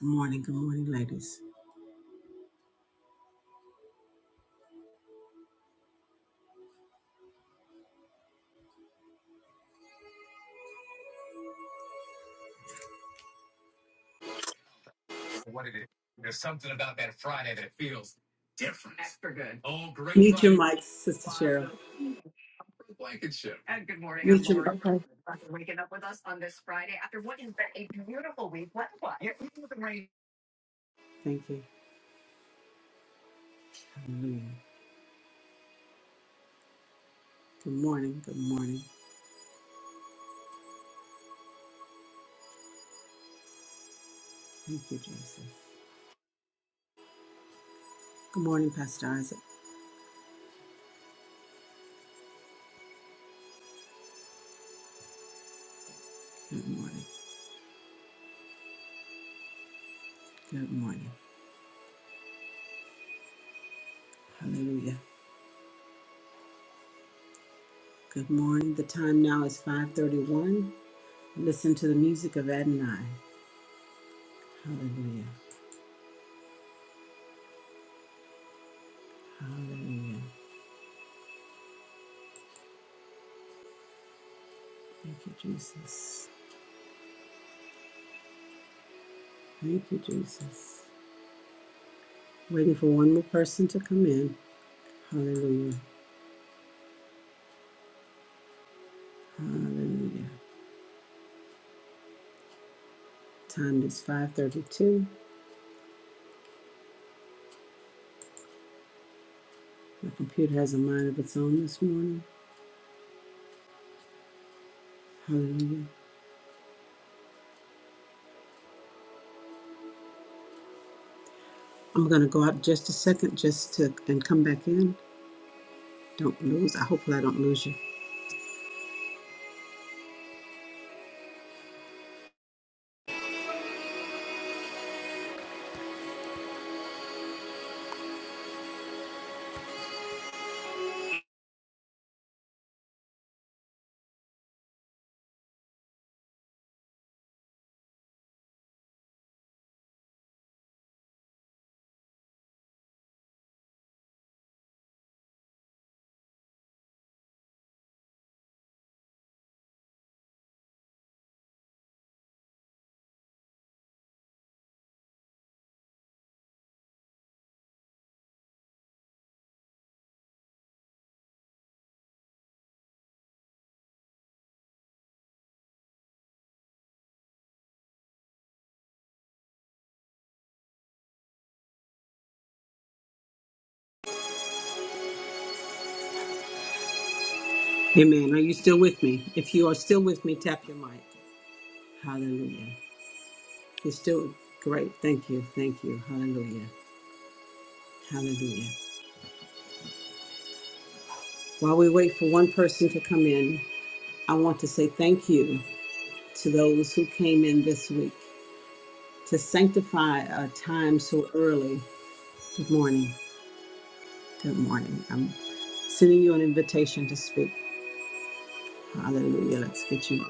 Good morning, good morning, ladies. what it is. There's something about that Friday that feels different. Extra good. Oh, great Mute your Friday. mic, Sister Cheryl. Blankenship. And good morning. I'm Mute your. Lori. Okay. Thank Waking up with us on this Friday after what has been a beautiful week. What? What? You're even with the rain. Thank you. Hallelujah. Good morning, good morning. Thank you, Jesus. Good morning, Pastor Isaac. Good morning, good morning. Hallelujah. Good morning. The time now is 5:31. Listen to the music of Adonai. Hallelujah. Hallelujah. Thank you, Jesus. Thank you, Jesus. Waiting for one more person to come in. Hallelujah. Hallelujah. Time is 5:32. The computer has a mind of its own this morning. Hallelujah. I'm going to go out just a second just to and come back in. Don't lose. I hope I don't lose you. Amen. Are you still with me? If you are still with me, tap your mic. Hallelujah. You're still great. Thank you. Thank you. Hallelujah. Hallelujah. While we wait for one person to come in, I want to say thank you to those who came in this week to sanctify a time so early. Good morning. Good morning. I'm sending you an invitation to speak. Hallelujah. Let's get you.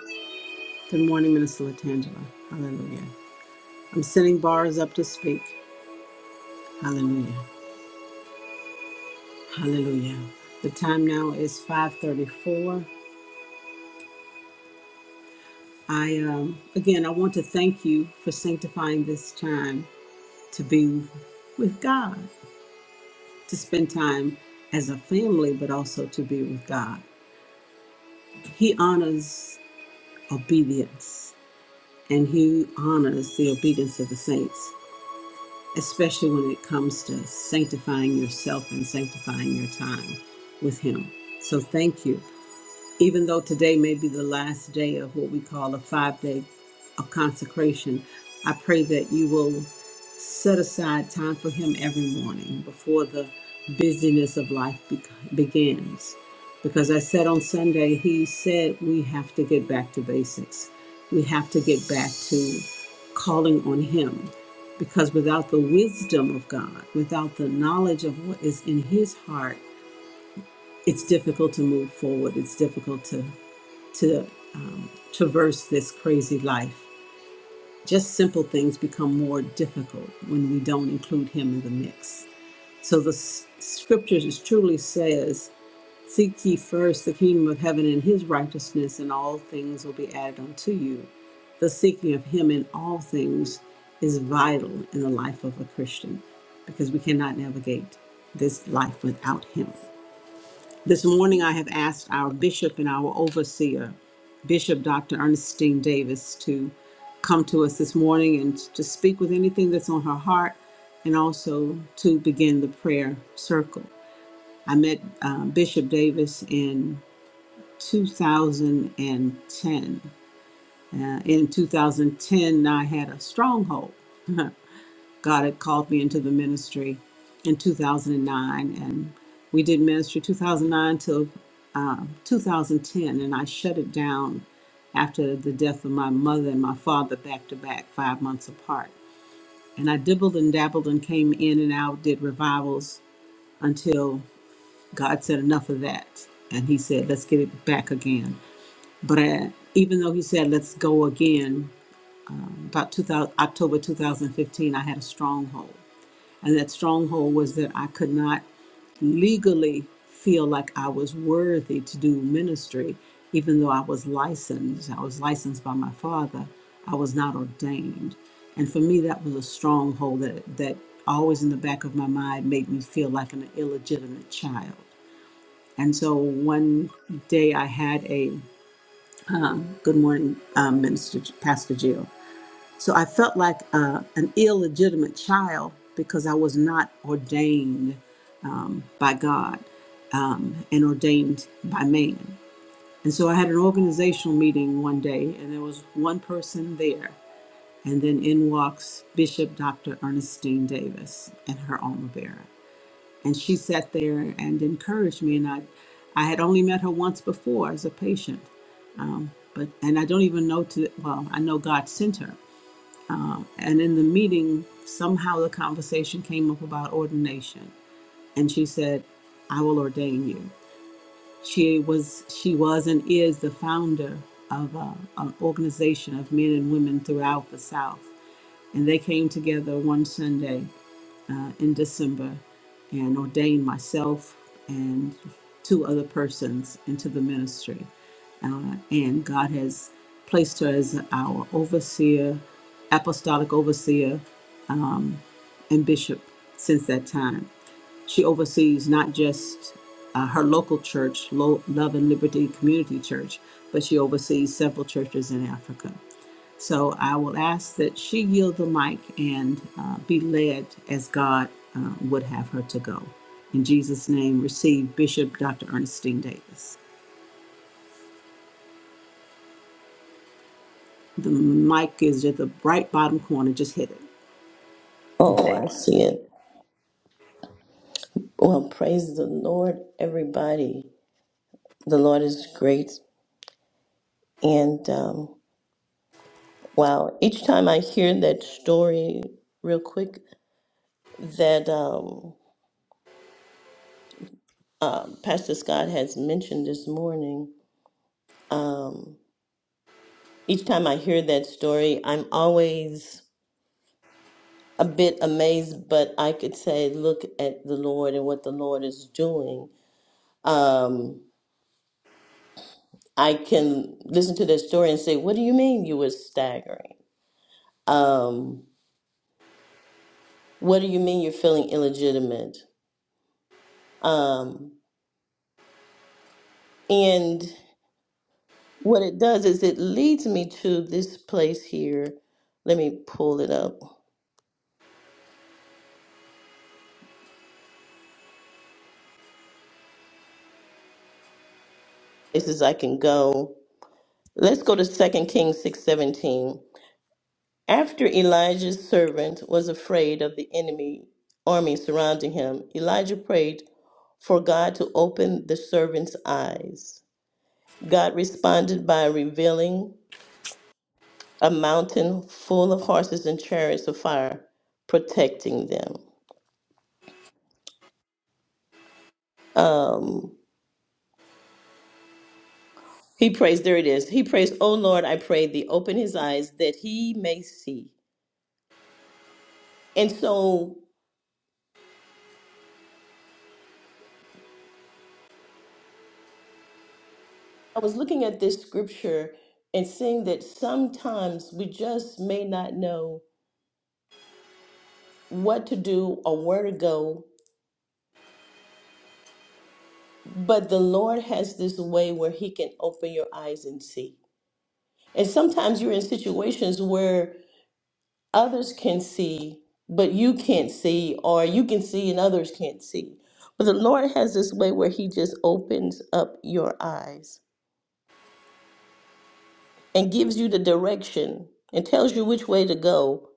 Good morning, Minister Latangela. Hallelujah. I'm sending bars up to speak. Hallelujah. Hallelujah. The time now is 5:34. I um, again, I want to thank you for sanctifying this time to be with God, to spend time as a family, but also to be with God. He honors obedience. and he honors the obedience of the saints, especially when it comes to sanctifying yourself and sanctifying your time with him. So thank you even though today may be the last day of what we call a five day of consecration, I pray that you will set aside time for Him every morning before the busyness of life be- begins. Because I said on Sunday, He said we have to get back to basics. We have to get back to calling on Him. Because without the wisdom of God, without the knowledge of what is in His heart, it's difficult to move forward. It's difficult to to um, traverse this crazy life. Just simple things become more difficult when we don't include Him in the mix. So the scriptures truly says, "Seek ye first the kingdom of heaven and His righteousness, and all things will be added unto you." The seeking of Him in all things is vital in the life of a Christian because we cannot navigate this life without Him. This morning, I have asked our bishop and our overseer, Bishop Dr. Ernestine Davis, to come to us this morning and to speak with anything that's on her heart and also to begin the prayer circle. I met uh, Bishop Davis in 2010. Uh, in 2010, I had a stronghold. God had called me into the ministry in 2009, and nine, and we did ministry 2009 till uh, 2010, and I shut it down after the death of my mother and my father back to back, five months apart. And I dibbled and dabbled and came in and out, did revivals until God said enough of that, and He said, "Let's get it back again." But I, even though He said, "Let's go again," about 2000, October 2015, I had a stronghold and that stronghold was that I could not legally feel like I was worthy to do ministry, even though I was licensed. I was licensed by my father. I was not ordained. And for me, that was a stronghold that, that always in the back of my mind made me feel like an illegitimate child. And so one day I had a um, good morning, um, Minister Pastor Jill. So I felt like uh, an illegitimate child because I was not ordained by God um, and ordained by man. And so I had an organizational meeting one day, and there was one person there. And then in walks Bishop Dr. Ernestine Davis and her alma bearer. And she sat there and encouraged me. And I, I had only met her once before as a patient. Um, but and I don't even know to well, I know God sent her. And in the meeting, somehow the conversation came up about ordination. And she said, I will ordain you. She was, she was and is the founder of uh an organization of men and women throughout the South. And they came together one Sunday uh, in December and ordained myself and two other persons into the ministry. Uh, and God has placed her as our overseer, apostolic overseer and bishop since that time. She oversees not just uh, her local church, Lo- Love and Liberty Community Church, but she oversees several churches in Africa. So I will ask that she yield the mic and uh, be led as God uh, would have her to go. In Jesus' name, receive Bishop Dr. Ernestine Davis. The mic is at the right bottom corner. Just hit it. Oh, I see it. Well, praise the Lord, everybody. The Lord is great. And um, wow, each time I hear that story, real quick, that um, uh, Pastor Scott has mentioned this morning, um, each time I hear that story, I'm always a bit amazed, but I could say, look at the Lord and what the Lord is doing. Um, I can listen to that story and say, what do you mean you were staggering? um, what do you mean you're feeling illegitimate? Um, and what it does is it leads me to this place here. Let me pull it up. This is I can go. Let's go to Second Kings 6:17. After Elijah's servant was afraid of the enemy army surrounding him, Elijah prayed for God to open the servant's eyes. God responded by revealing a mountain full of horses and chariots of fire protecting them. Um, he prays, there it is. He prays, Oh Lord, I pray thee, open his eyes that he may see. And so I was looking at this scripture and seeing that sometimes we just may not know what to do or where to go, but the Lord has this way where he can open your eyes and see. And sometimes you're in situations where others can see, but you can't see, or you can see and others can't see. But the Lord has this way where He just opens up your eyes and gives you the direction and tells you which way to go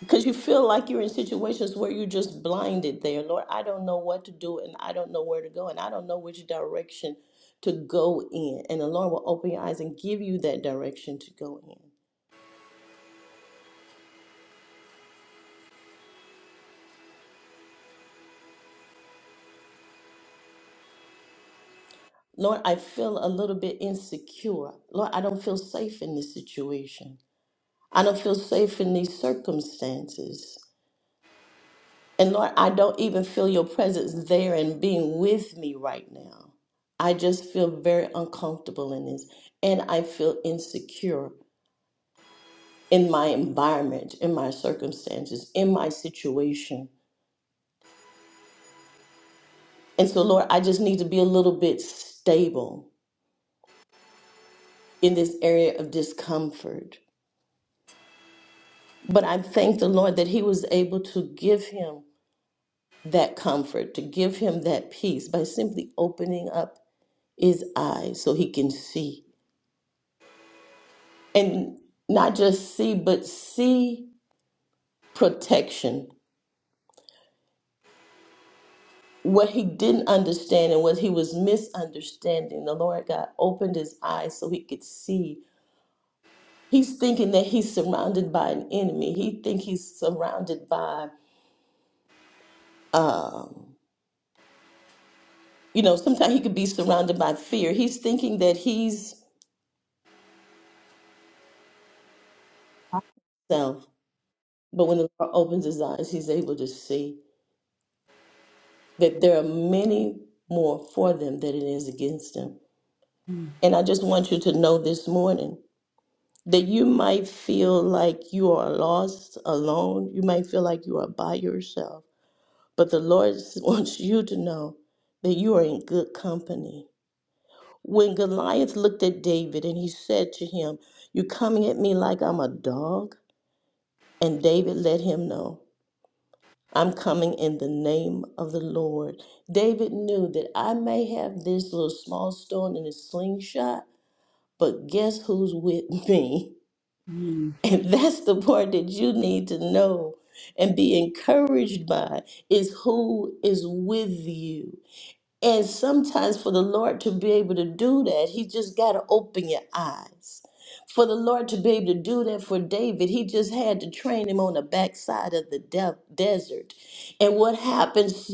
because you feel like you're in situations where you're just blinded there. Lord, I don't know what to do, and I don't know where to go, and I don't know which direction to go in. And the Lord will open your eyes and give you that direction to go in. Lord, I feel a little bit insecure. Lord, I don't feel safe in this situation. I don't feel safe in these circumstances. And Lord, I don't even feel your presence there and being with me right now. I just feel very uncomfortable in this. And I feel insecure in my environment, in my circumstances, in my situation. And so, Lord, I just need to be a little bit stable in this area of discomfort. But I thank the Lord that he was able to give him that comfort, to give him that peace by simply opening up his eyes so he can see. And not just see, but see protection. What he didn't understand and what he was misunderstanding, the Lord God opened his eyes so he could see. He's thinking that he's surrounded by an enemy. He think he's surrounded by, um, you know, sometimes he could be surrounded by fear. He's thinking that he's self. But when the Lord opens his eyes, he's able to see that there are many more for them than it is against them. And I just want you to know this morning that you might feel like you are lost, alone. You might feel like you are by yourself. But the Lord wants you to know that you are in good company. When Goliath looked at David and he said to him, You coming at me like I'm a dog? And David let him know. I'm coming in the name of the Lord. David knew that I may have this little small stone in a slingshot, but guess who's with me? And that's the part that you need to know and be encouraged by is who is with you. And sometimes for the Lord to be able to do that, he just got to open your eyes. For the Lord to be able to do that for David, he just had to train him on the backside of the de- desert. And what happens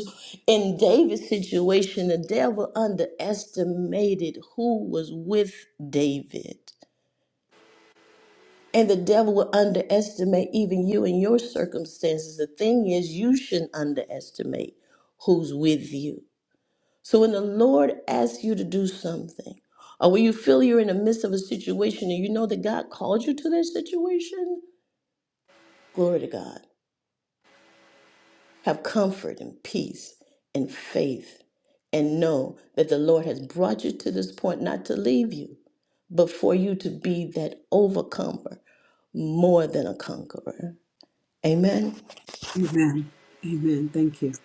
in David's situation, the devil underestimated who was with David. And the devil will underestimate even you and your circumstances. The thing is, you shouldn't underestimate who's with you. So when the Lord asks you to do something, or when you feel you're in the midst of a situation and you know that God called you to that situation, glory to God. Have comfort and peace and faith and know that the Lord has brought you to this point not to leave you, but for you to be that overcomer, more than a conqueror. Amen. Amen. Amen. Thank you.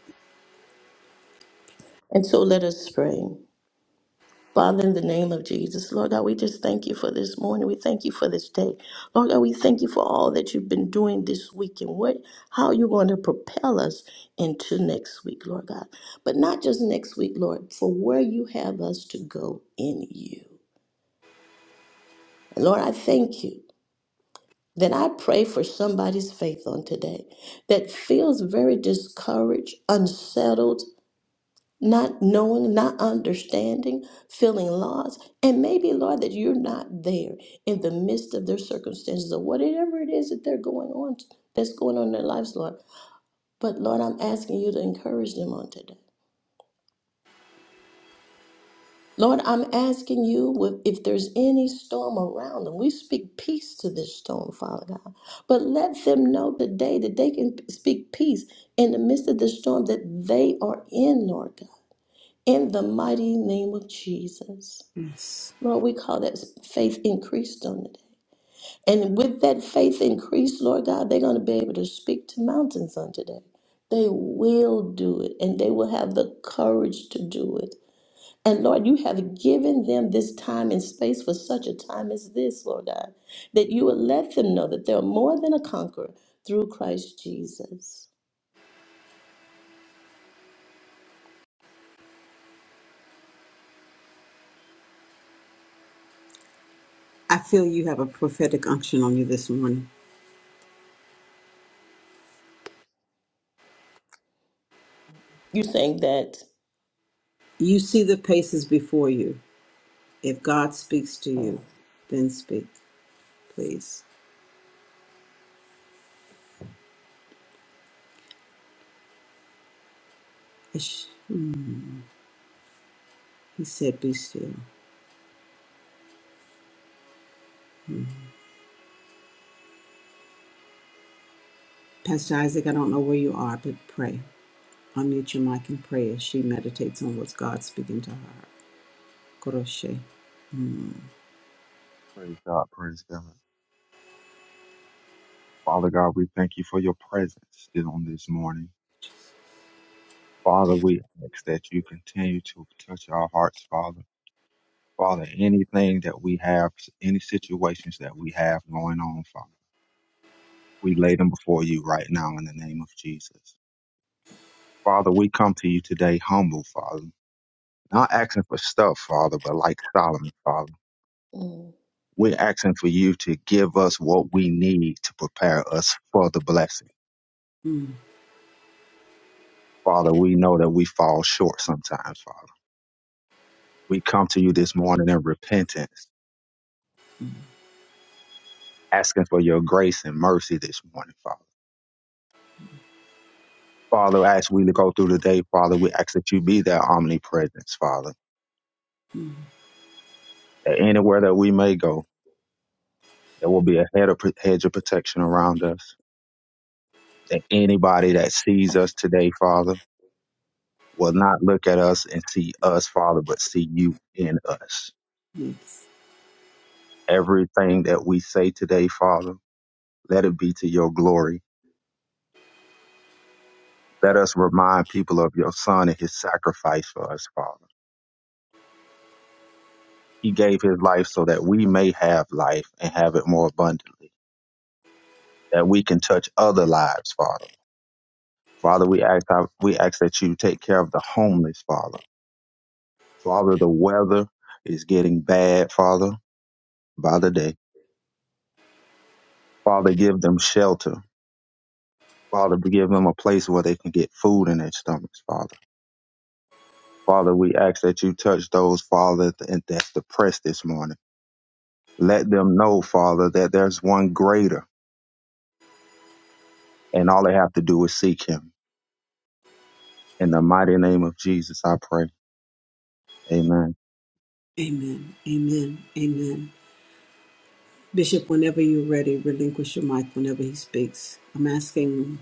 And so let us pray. Father, in the name of Jesus, Lord God, we just thank you for this morning. We thank you for this day. Lord God, we thank you for all that you've been doing this week and what how you're going to propel us into next week, Lord God. But not just next week, Lord, for where you have us to go in you. And Lord, I thank you. Then I pray for somebody's faith on today that feels very discouraged, unsettled, not knowing, not understanding, feeling lost, and maybe, Lord, that you're not there in the midst of their circumstances or whatever it is that they're going on, that's going on in their lives, Lord. But, Lord, I'm asking you to encourage them on today. Lord, I'm asking you with- if there's any storm around them. We speak peace to this storm, Father God. But let them know today that they can speak peace in the midst of the storm that they are in, Lord God. In the mighty name of Jesus. Yes. Lord, we call that faith increased on the day. And with that faith increase, Lord God, they're going to be able to speak to mountains on today. They will do it and they will have the courage to do it. And Lord, you have given them this time and space for such a time as this, Lord God, that you will let them know that they're more than a conqueror through Christ Jesus. I feel you have a prophetic unction on you this morning. You're saying that. You see the paces before you. If God speaks to you, then speak, please. He said, Be still. Pastor Isaac, I don't know where you are, but pray. Unmute your mic and pray as she meditates on what's God speaking to her. Koroshe. Praise God, praise God. Father God, we thank you for your presence still on this morning. Father, we ask that you continue to touch our hearts, Father. Father, anything that we have, any situations that we have going on, Father, we lay them before you right now in the name of Jesus. Father, we come to you today humble, Father, not asking for stuff, Father, but like Solomon, Father. mm, We're asking for you to give us what we need to prepare us for the blessing. Mm, Father, we know that we fall short sometimes, Father. We come to you this morning in repentance, asking for your grace and mercy this morning, Father. Father, as we go through the day, Father, we ask that you be that omnipresence, Father. That anywhere that we may go, there will be a head of, hedge of protection around us. That anybody that sees us today, Father, will not look at us and see us, Father, but see you in us. yes. Everything that we say today, Father, let it be to your glory. Let us remind people of your Son and his sacrifice for us, Father He gave his life so that we may have life and have it more abundantly, that we can touch other lives, Father. Father, we ask, we ask that you take care of the homeless, Father. Father, the weather is getting bad, Father, by the day. Father, give them shelter. Father, give them a place where they can get food in their stomachs, Father. Father, we ask that you touch those, Father, th- that's depressed this morning. Let them know, Father, that there's one greater, and all they have to do is seek him. In the mighty name of Jesus, I pray. Amen. Amen. Amen. Amen. Bishop, whenever you're ready, relinquish your mic whenever he speaks. I'm asking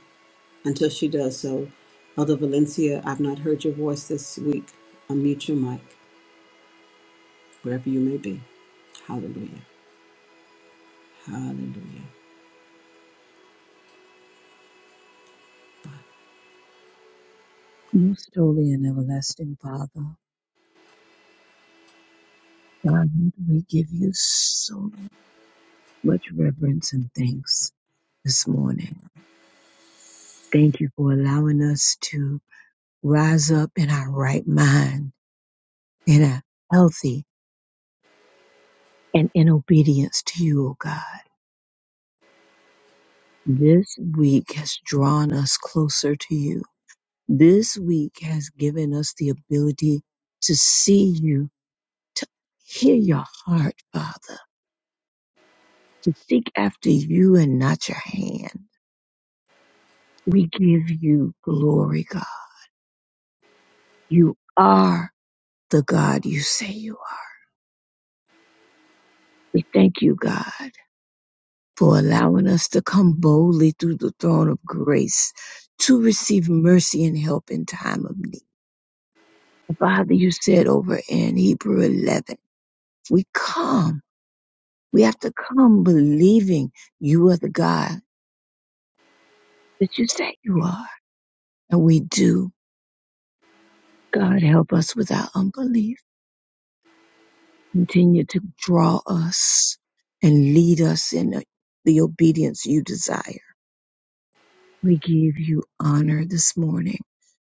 until she does so. Elder Valencia, I've not heard your voice this week. Unmute your mic, wherever you may be. Hallelujah. Hallelujah. Most holy and everlasting Father, God, we give you so much reverence and thanks this morning. Thank you for allowing us to rise up in our right mind, in a healthy and in obedience to you, O God. This week has drawn us closer to you. This week has given us the ability to see you, to hear your heart, Father, to seek after you and not your hand. We give you glory, God. You are the God you say you are. We thank you, God, for allowing us to come boldly through the throne of grace to receive mercy and help in time of need. Father, you said over in Hebrew 11, we come. We have to come believing you are the God that you say you are. And we do. God, help us with our unbelief. Continue to draw us and lead us in the obedience you desire. We give you honor this morning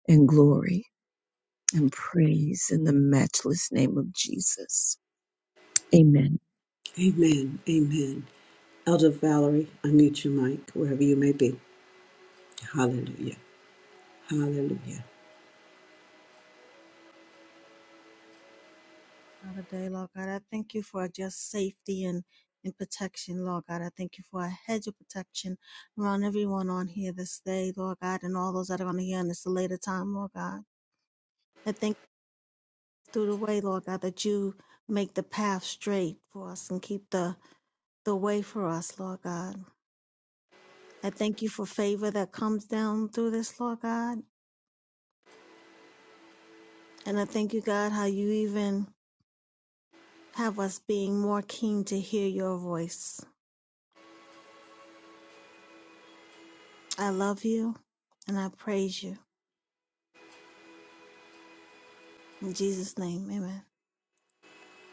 and glory and praise in the matchless name of Jesus. Amen. Amen. Amen. Elder Valerie, unmute your mic wherever you may be. Hallelujah. Hallelujah. Another day, Lord God. I thank you for just safety and, and protection, Lord God. I thank you for a hedge of protection around everyone on here this day, Lord God, and all those that are going to hear on this later time, Lord God. I thank you through the way, Lord God, that you make the path straight for us and keep the, the way for us, Lord God. I thank you for favor that comes down through this, Lord God. And I thank you, God, how you even have us being more keen to hear your voice. I love you and I praise you. In Jesus' name, amen.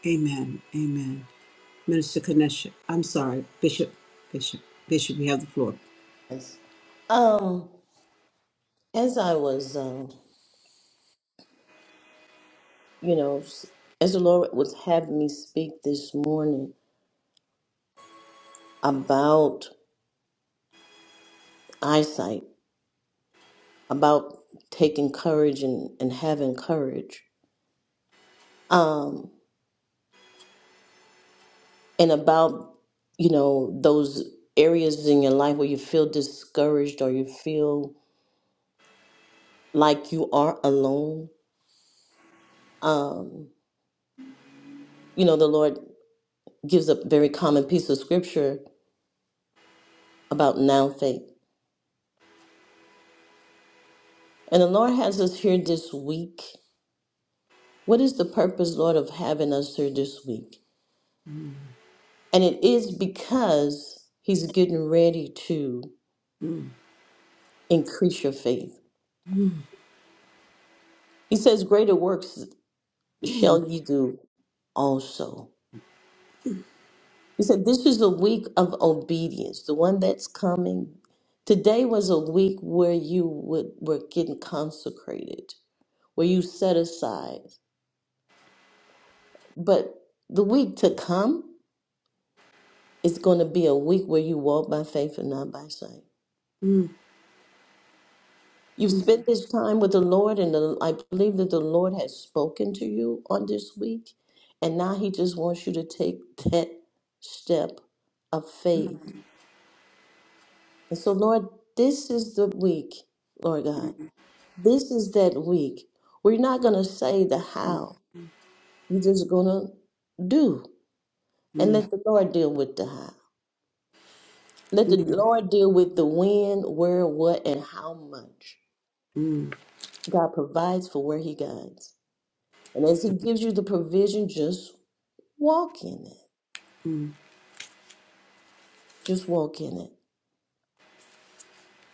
Amen. Amen. Minister Kanesha, I'm sorry, Bishop, Bishop, Bishop, you have the floor. yes. Um, as I was um, you know, as the Lord was having me speak this morning about eyesight, about taking courage and, and having courage, um, and about, you know, those areas in your life where you feel discouraged or you feel like you are alone. Um, you know, the Lord gives a very common piece of scripture about now faith. And the Lord has us here this week. What is the purpose, Lord, of having us here this week? And it is because he's getting ready to Mm, increase your faith. mm, He says, Greater works mm, shall ye do also. He said, This is a week of obedience, the one that's coming. Today was a week where you would, were getting consecrated, where you set aside. But the week to come is going to be a week where you walk by faith and not by sight. mm, mm, You've mm, spent this time with the Lord, and the, I believe that the Lord has spoken to you on this week. And now He just wants you to take that step of faith. And so, Lord, this is the week, Lord God. This is that week. We're not going to say the mm, how. You're just going to do and mm, let the Lord deal with the how. Let the Lord deal with the when, where, what, and how much. mm, God provides for where He guides. And as He gives you the provision, just walk in it. mm, Just walk in it.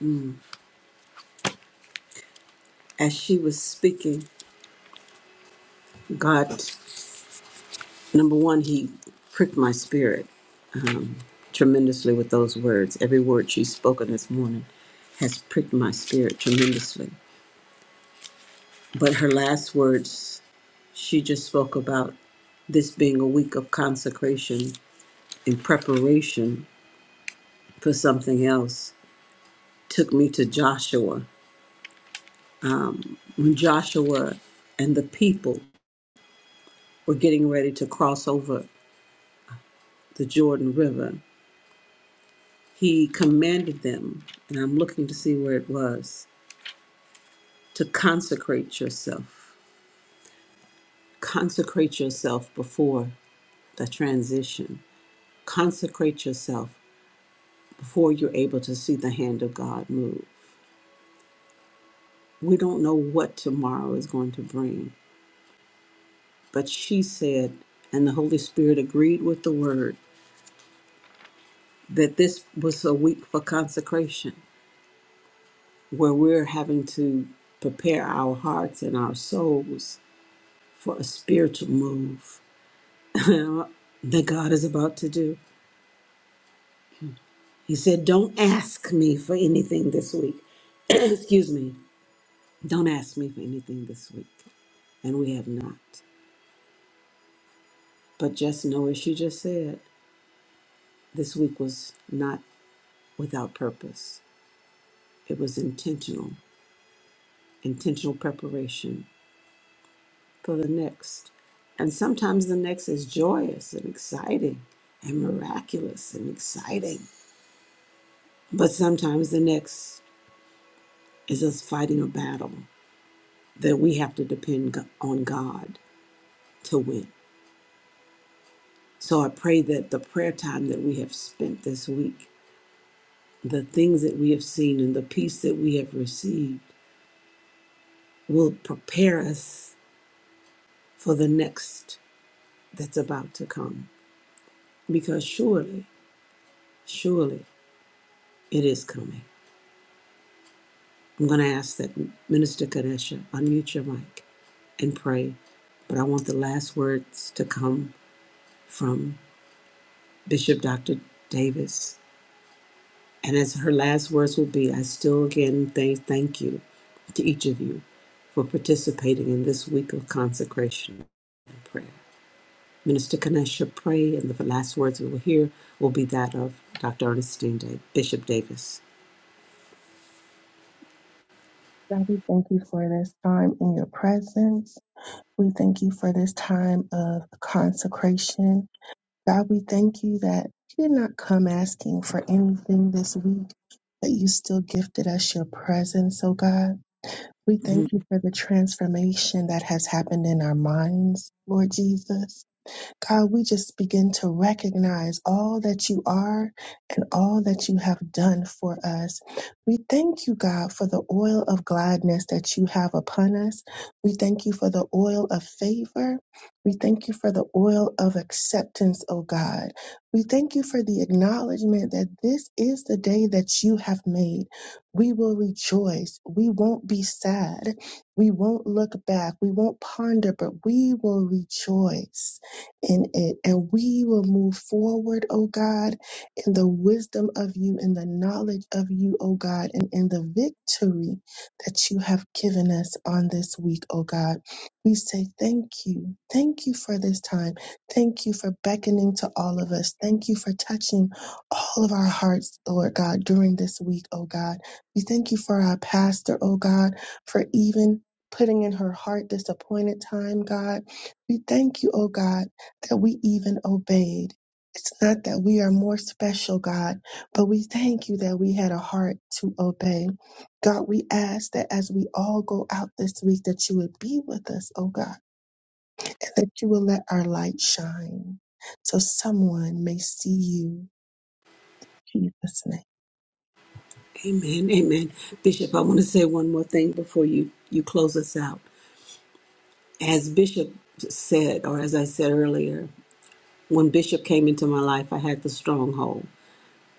mm. As she was speaking, God, number one, He pricked my spirit tremendously with those words, every word she spoken this morning. has pricked my spirit tremendously. But her last words, she just spoke about this being a week of consecration and preparation for something else, took me to Joshua. When Joshua and the people were getting ready to cross over the Jordan River, he commanded them, and I'm looking to see where it was, to consecrate yourself. Consecrate yourself before the transition. Consecrate yourself before you're able to see the hand of God move. We don't know what tomorrow is going to bring, but she said, and the Holy Spirit agreed with the word, that this was a week for consecration, where we're having to prepare our hearts and our souls for a spiritual move that God is about to do. He said, Don't ask me for anything this week. Excuse me. Don't ask me for anything this week. And we have not. But just know, as you just said, this week was not without purpose. It was intentional, intentional preparation for the next. And sometimes the next is joyous and exciting and miraculous and exciting. But sometimes the next is us fighting a battle that we have to depend go- on God to win. So I pray that the prayer time that we have spent this week, the things that we have seen, and the peace that we have received, will prepare us for the next that's about to come. Because surely, surely it is coming. I'm going to ask that Minister Kadesha unmute your mic and pray. But I want the last words to come from Bishop Dr. Davis. And as her last words will be, I still again thank, thank you to each of you for participating in this week of consecration and prayer. Minister Kanesha pray, and the last words we will hear will be that of Dr. Ernestine Da- Bishop Davis. God, we thank you for this time in your presence. We thank you for this time of consecration. God, we thank you that you did not come asking for anything this week, but you still gifted us your presence, oh God. We Mhm. thank you for the transformation that has happened in our minds, Lord Jesus. God, we just begin to recognize all that you are and all that you have done for us. We thank you, God, for the oil of gladness that you have upon us. We thank you for the oil of favor. We thank you for the oil of acceptance, O God. We thank you for the acknowledgement that this is the day that you have made. We will rejoice. We won't be sad. We won't look back. We won't ponder, but we will rejoice in it. And we will move forward, O God, in the wisdom of you, in the knowledge of you, O God, and in the victory that you have given us on this week, O God. We say thank you. Thank you for this time. Thank you for beckoning to all of us. Thank you for touching all of our hearts, Lord God, during this week, O God. We thank you for our pastor, O God, for even putting in her heart this appointed time, God. We thank you, O God that we even obeyed. It's not that we are more special, God, but we thank you that we had a heart to obey. God, we ask that as we all go out this week, that you would be with us, oh God, and that you will let our light shine so someone may see you, In Jesus' name. Amen. Amen. Bishop, I want to say one more thing before you, you close us out. As Bishop said, or as I said earlier, when Bishop came into my life, I had the stronghold.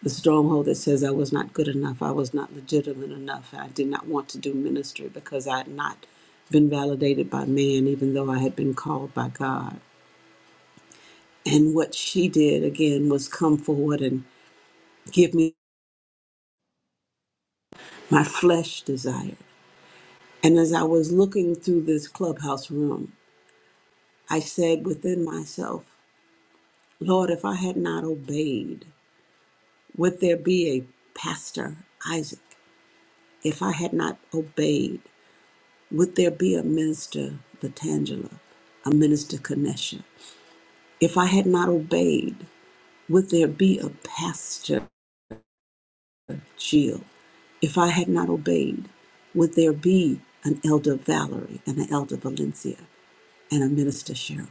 The stronghold that says I was not good enough, I was not legitimate enough, I did not want to do ministry because I had not been validated by man, even though I had been called by God. And what she did again was come forward and give me my flesh desire. And as I was looking through this clubhouse room, I said within myself, Lord, if I had not obeyed, would there be a pastor, Isaac? If I had not obeyed, would there be a minister, Latangela, a minister, Kanesha? If I had not obeyed, would there be a pastor? Jill, if I had not obeyed, would there be an elder Valerie and an elder Valencia and a minister Cheryl?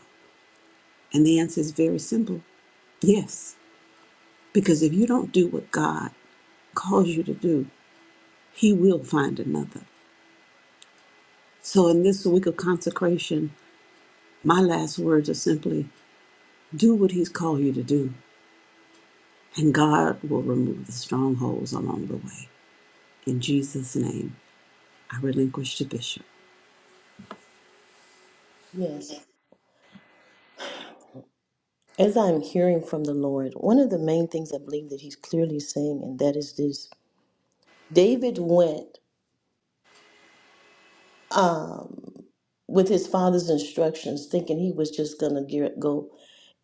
And the answer is very simple yes. Because if you don't do what God calls you to do, He will find another. So in this week of consecration, my last words are simply do what He's called you to do, and God will remove the strongholds along the way. In Jesus' name, I relinquish to Bishop. Yes. As I'm hearing from the Lord, one of the main things I believe that He's clearly saying, and that is this David went um, with his father's instructions, thinking he was just going to go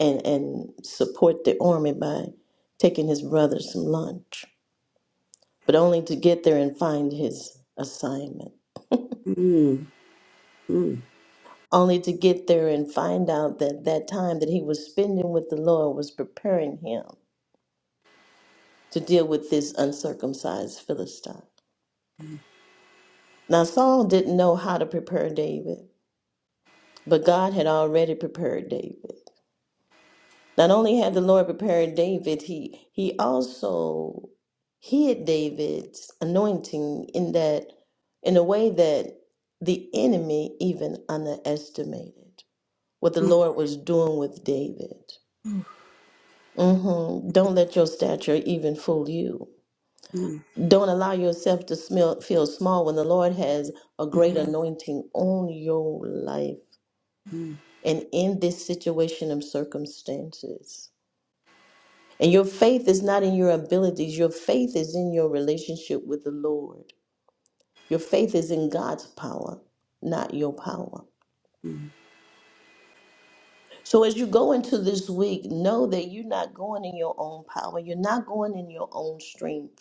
and, and support the army by taking his brother some lunch, but only to get there and find his assignment. Mm, mm, only to get there and find out that that time that he was spending with the Lord was preparing him to deal with this uncircumcised Philistine. Now, Saul didn't know how to prepare David, but God had already prepared David. Not only had the Lord prepared David, he, he also hid David's anointing in that in a way that the enemy even underestimated what the mm, Lord was doing with David. Mm-hmm. Don't let your stature even fool you. mm, Don't allow yourself to smell, feel small when the Lord has a mm, great mm. anointing on your life mm. and in this situation and circumstances. And your faith is not in your abilities, your faith is in your relationship with the Lord. Your faith is in God's power, not your power. Mm, So as you go into this week, know that you're not going in your own power, you're not going in your own strength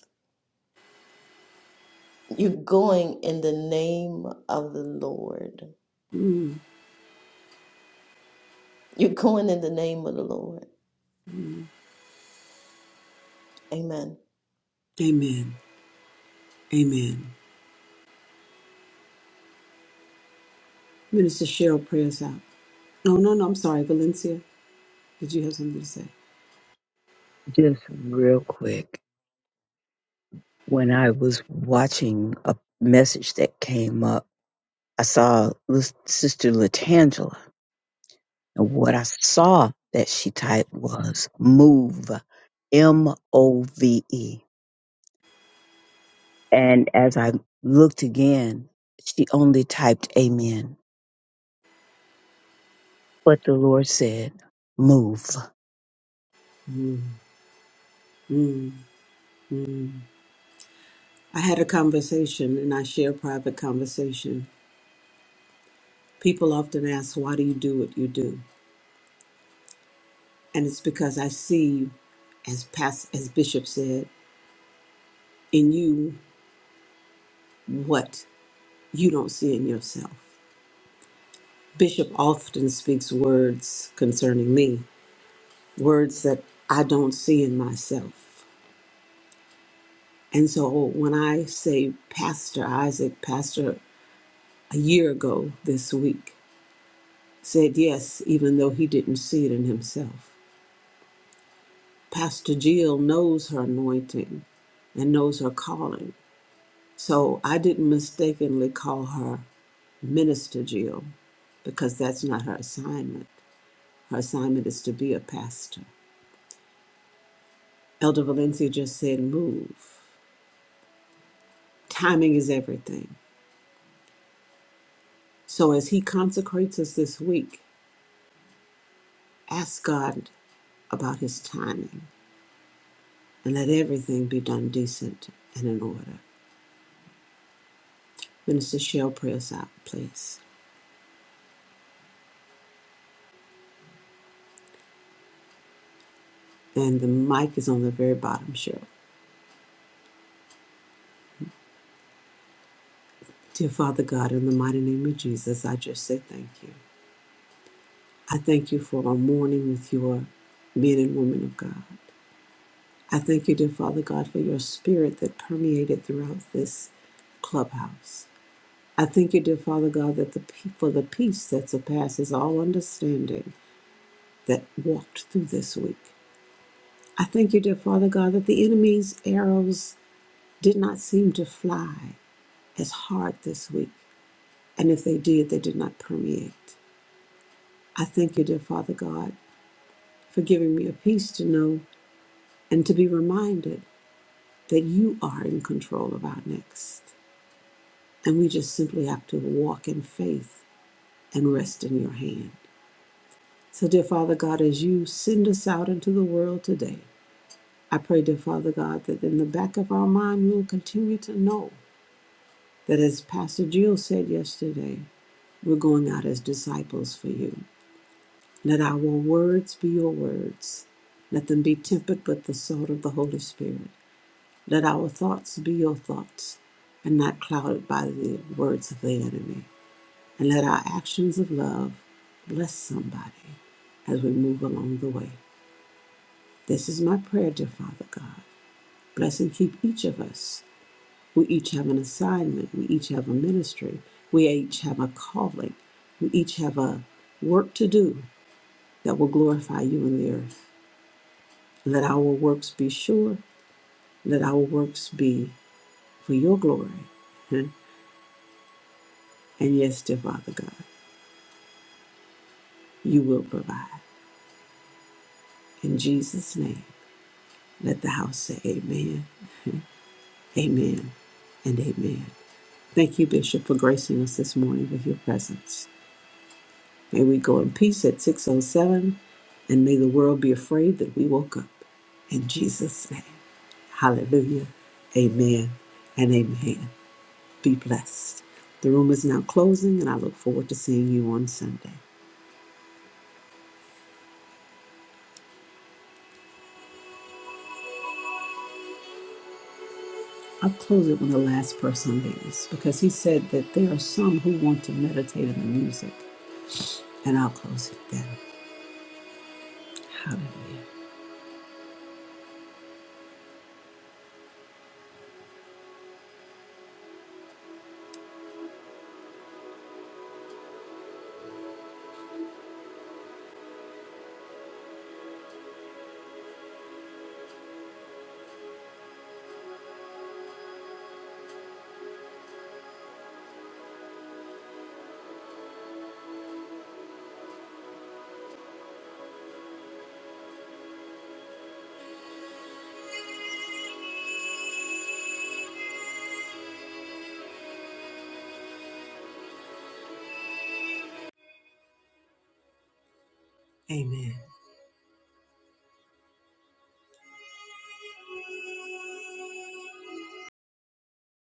You're going in the name of the Lord. mm. You're going in the name of the Lord. Amen. Amen. Amen. Minister Cheryl, pray us out. No, no, no. I'm sorry. Valencia, did you have something to say? Just real quick, when I was watching a message that came up, I saw Lis- Sister Latangela, and what I saw that she typed was "move," M O V E. And as I looked again, she only typed amen. But the Lord said, move. Mm, mm, mm. I had a conversation and I share a private conversation. People often ask, why do you do what you do? And it's because I see, as, past, as Bishop said, in you what you don't see in yourself. Bishop often speaks words concerning me, words that I don't see in myself And so when I say Pastor Isaac, Pastor a year ago this week said yes, even though he didn't see it in himself. Pastor Jill knows her anointing and knows her calling. So I didn't mistakenly call her Minister Jill because that's not her assignment. Her assignment is to be a pastor. Elder Valencia just said, move. Timing is everything. So as he consecrates us this week, ask God about his timing, and let everything be done decent and in order. Minister Cheryl, pray us out, please. And the mic is on the very bottom, Cheryl. Dear Father God, in the mighty name of Jesus, I just say thank you. I thank you for our morning with your men and women of God. I thank you, dear Father God, for your spirit that permeated throughout this clubhouse. I thank you, dear Father God, that the pe- for the peace that surpasses all understanding that walked through this week. I thank you, dear Father God, that the enemy's arrows did not seem to fly as hard this week. And if they did, they did not permeate. I thank you, dear Father God, for giving me a peace to know and to be reminded that you are in control of our next. And we just simply have to walk in faith and rest in your hand. So, dear Father God, as you send us out into the world today, I pray, dear Father God, that in the back of our mind we will continue to know that, as Pastor Jill said yesterday, we're going out as disciples for you. Let our words be your words. Let them be tempered with the salt of the Holy Spirit. Let our thoughts be your thoughts and not clouded by the words of the enemy. And let our actions of love bless somebody as we move along the way. This is my prayer, dear Father God. Bless and keep each of us We each have an assignment. We each have a ministry. We each have a calling. We each have a work to do that will glorify you in the earth. Let our works be sure. Let our works be for your glory. Hmm. And yes, dear Father God, you will provide. In Jesus' name, let the house say amen, amen, and amen. Thank you, Bishop, for gracing us this morning with your presence. May we go in peace at 607, and may the world be afraid that we woke up. In Jesus' name. Hallelujah. Amen and amen. Be blessed. The room is now closing, and I look forward to seeing you on Sunday. I'll close it when the last person leaves because he said that there are some who want to meditate on the music, and I'll close it then. Hallelujah. Amen.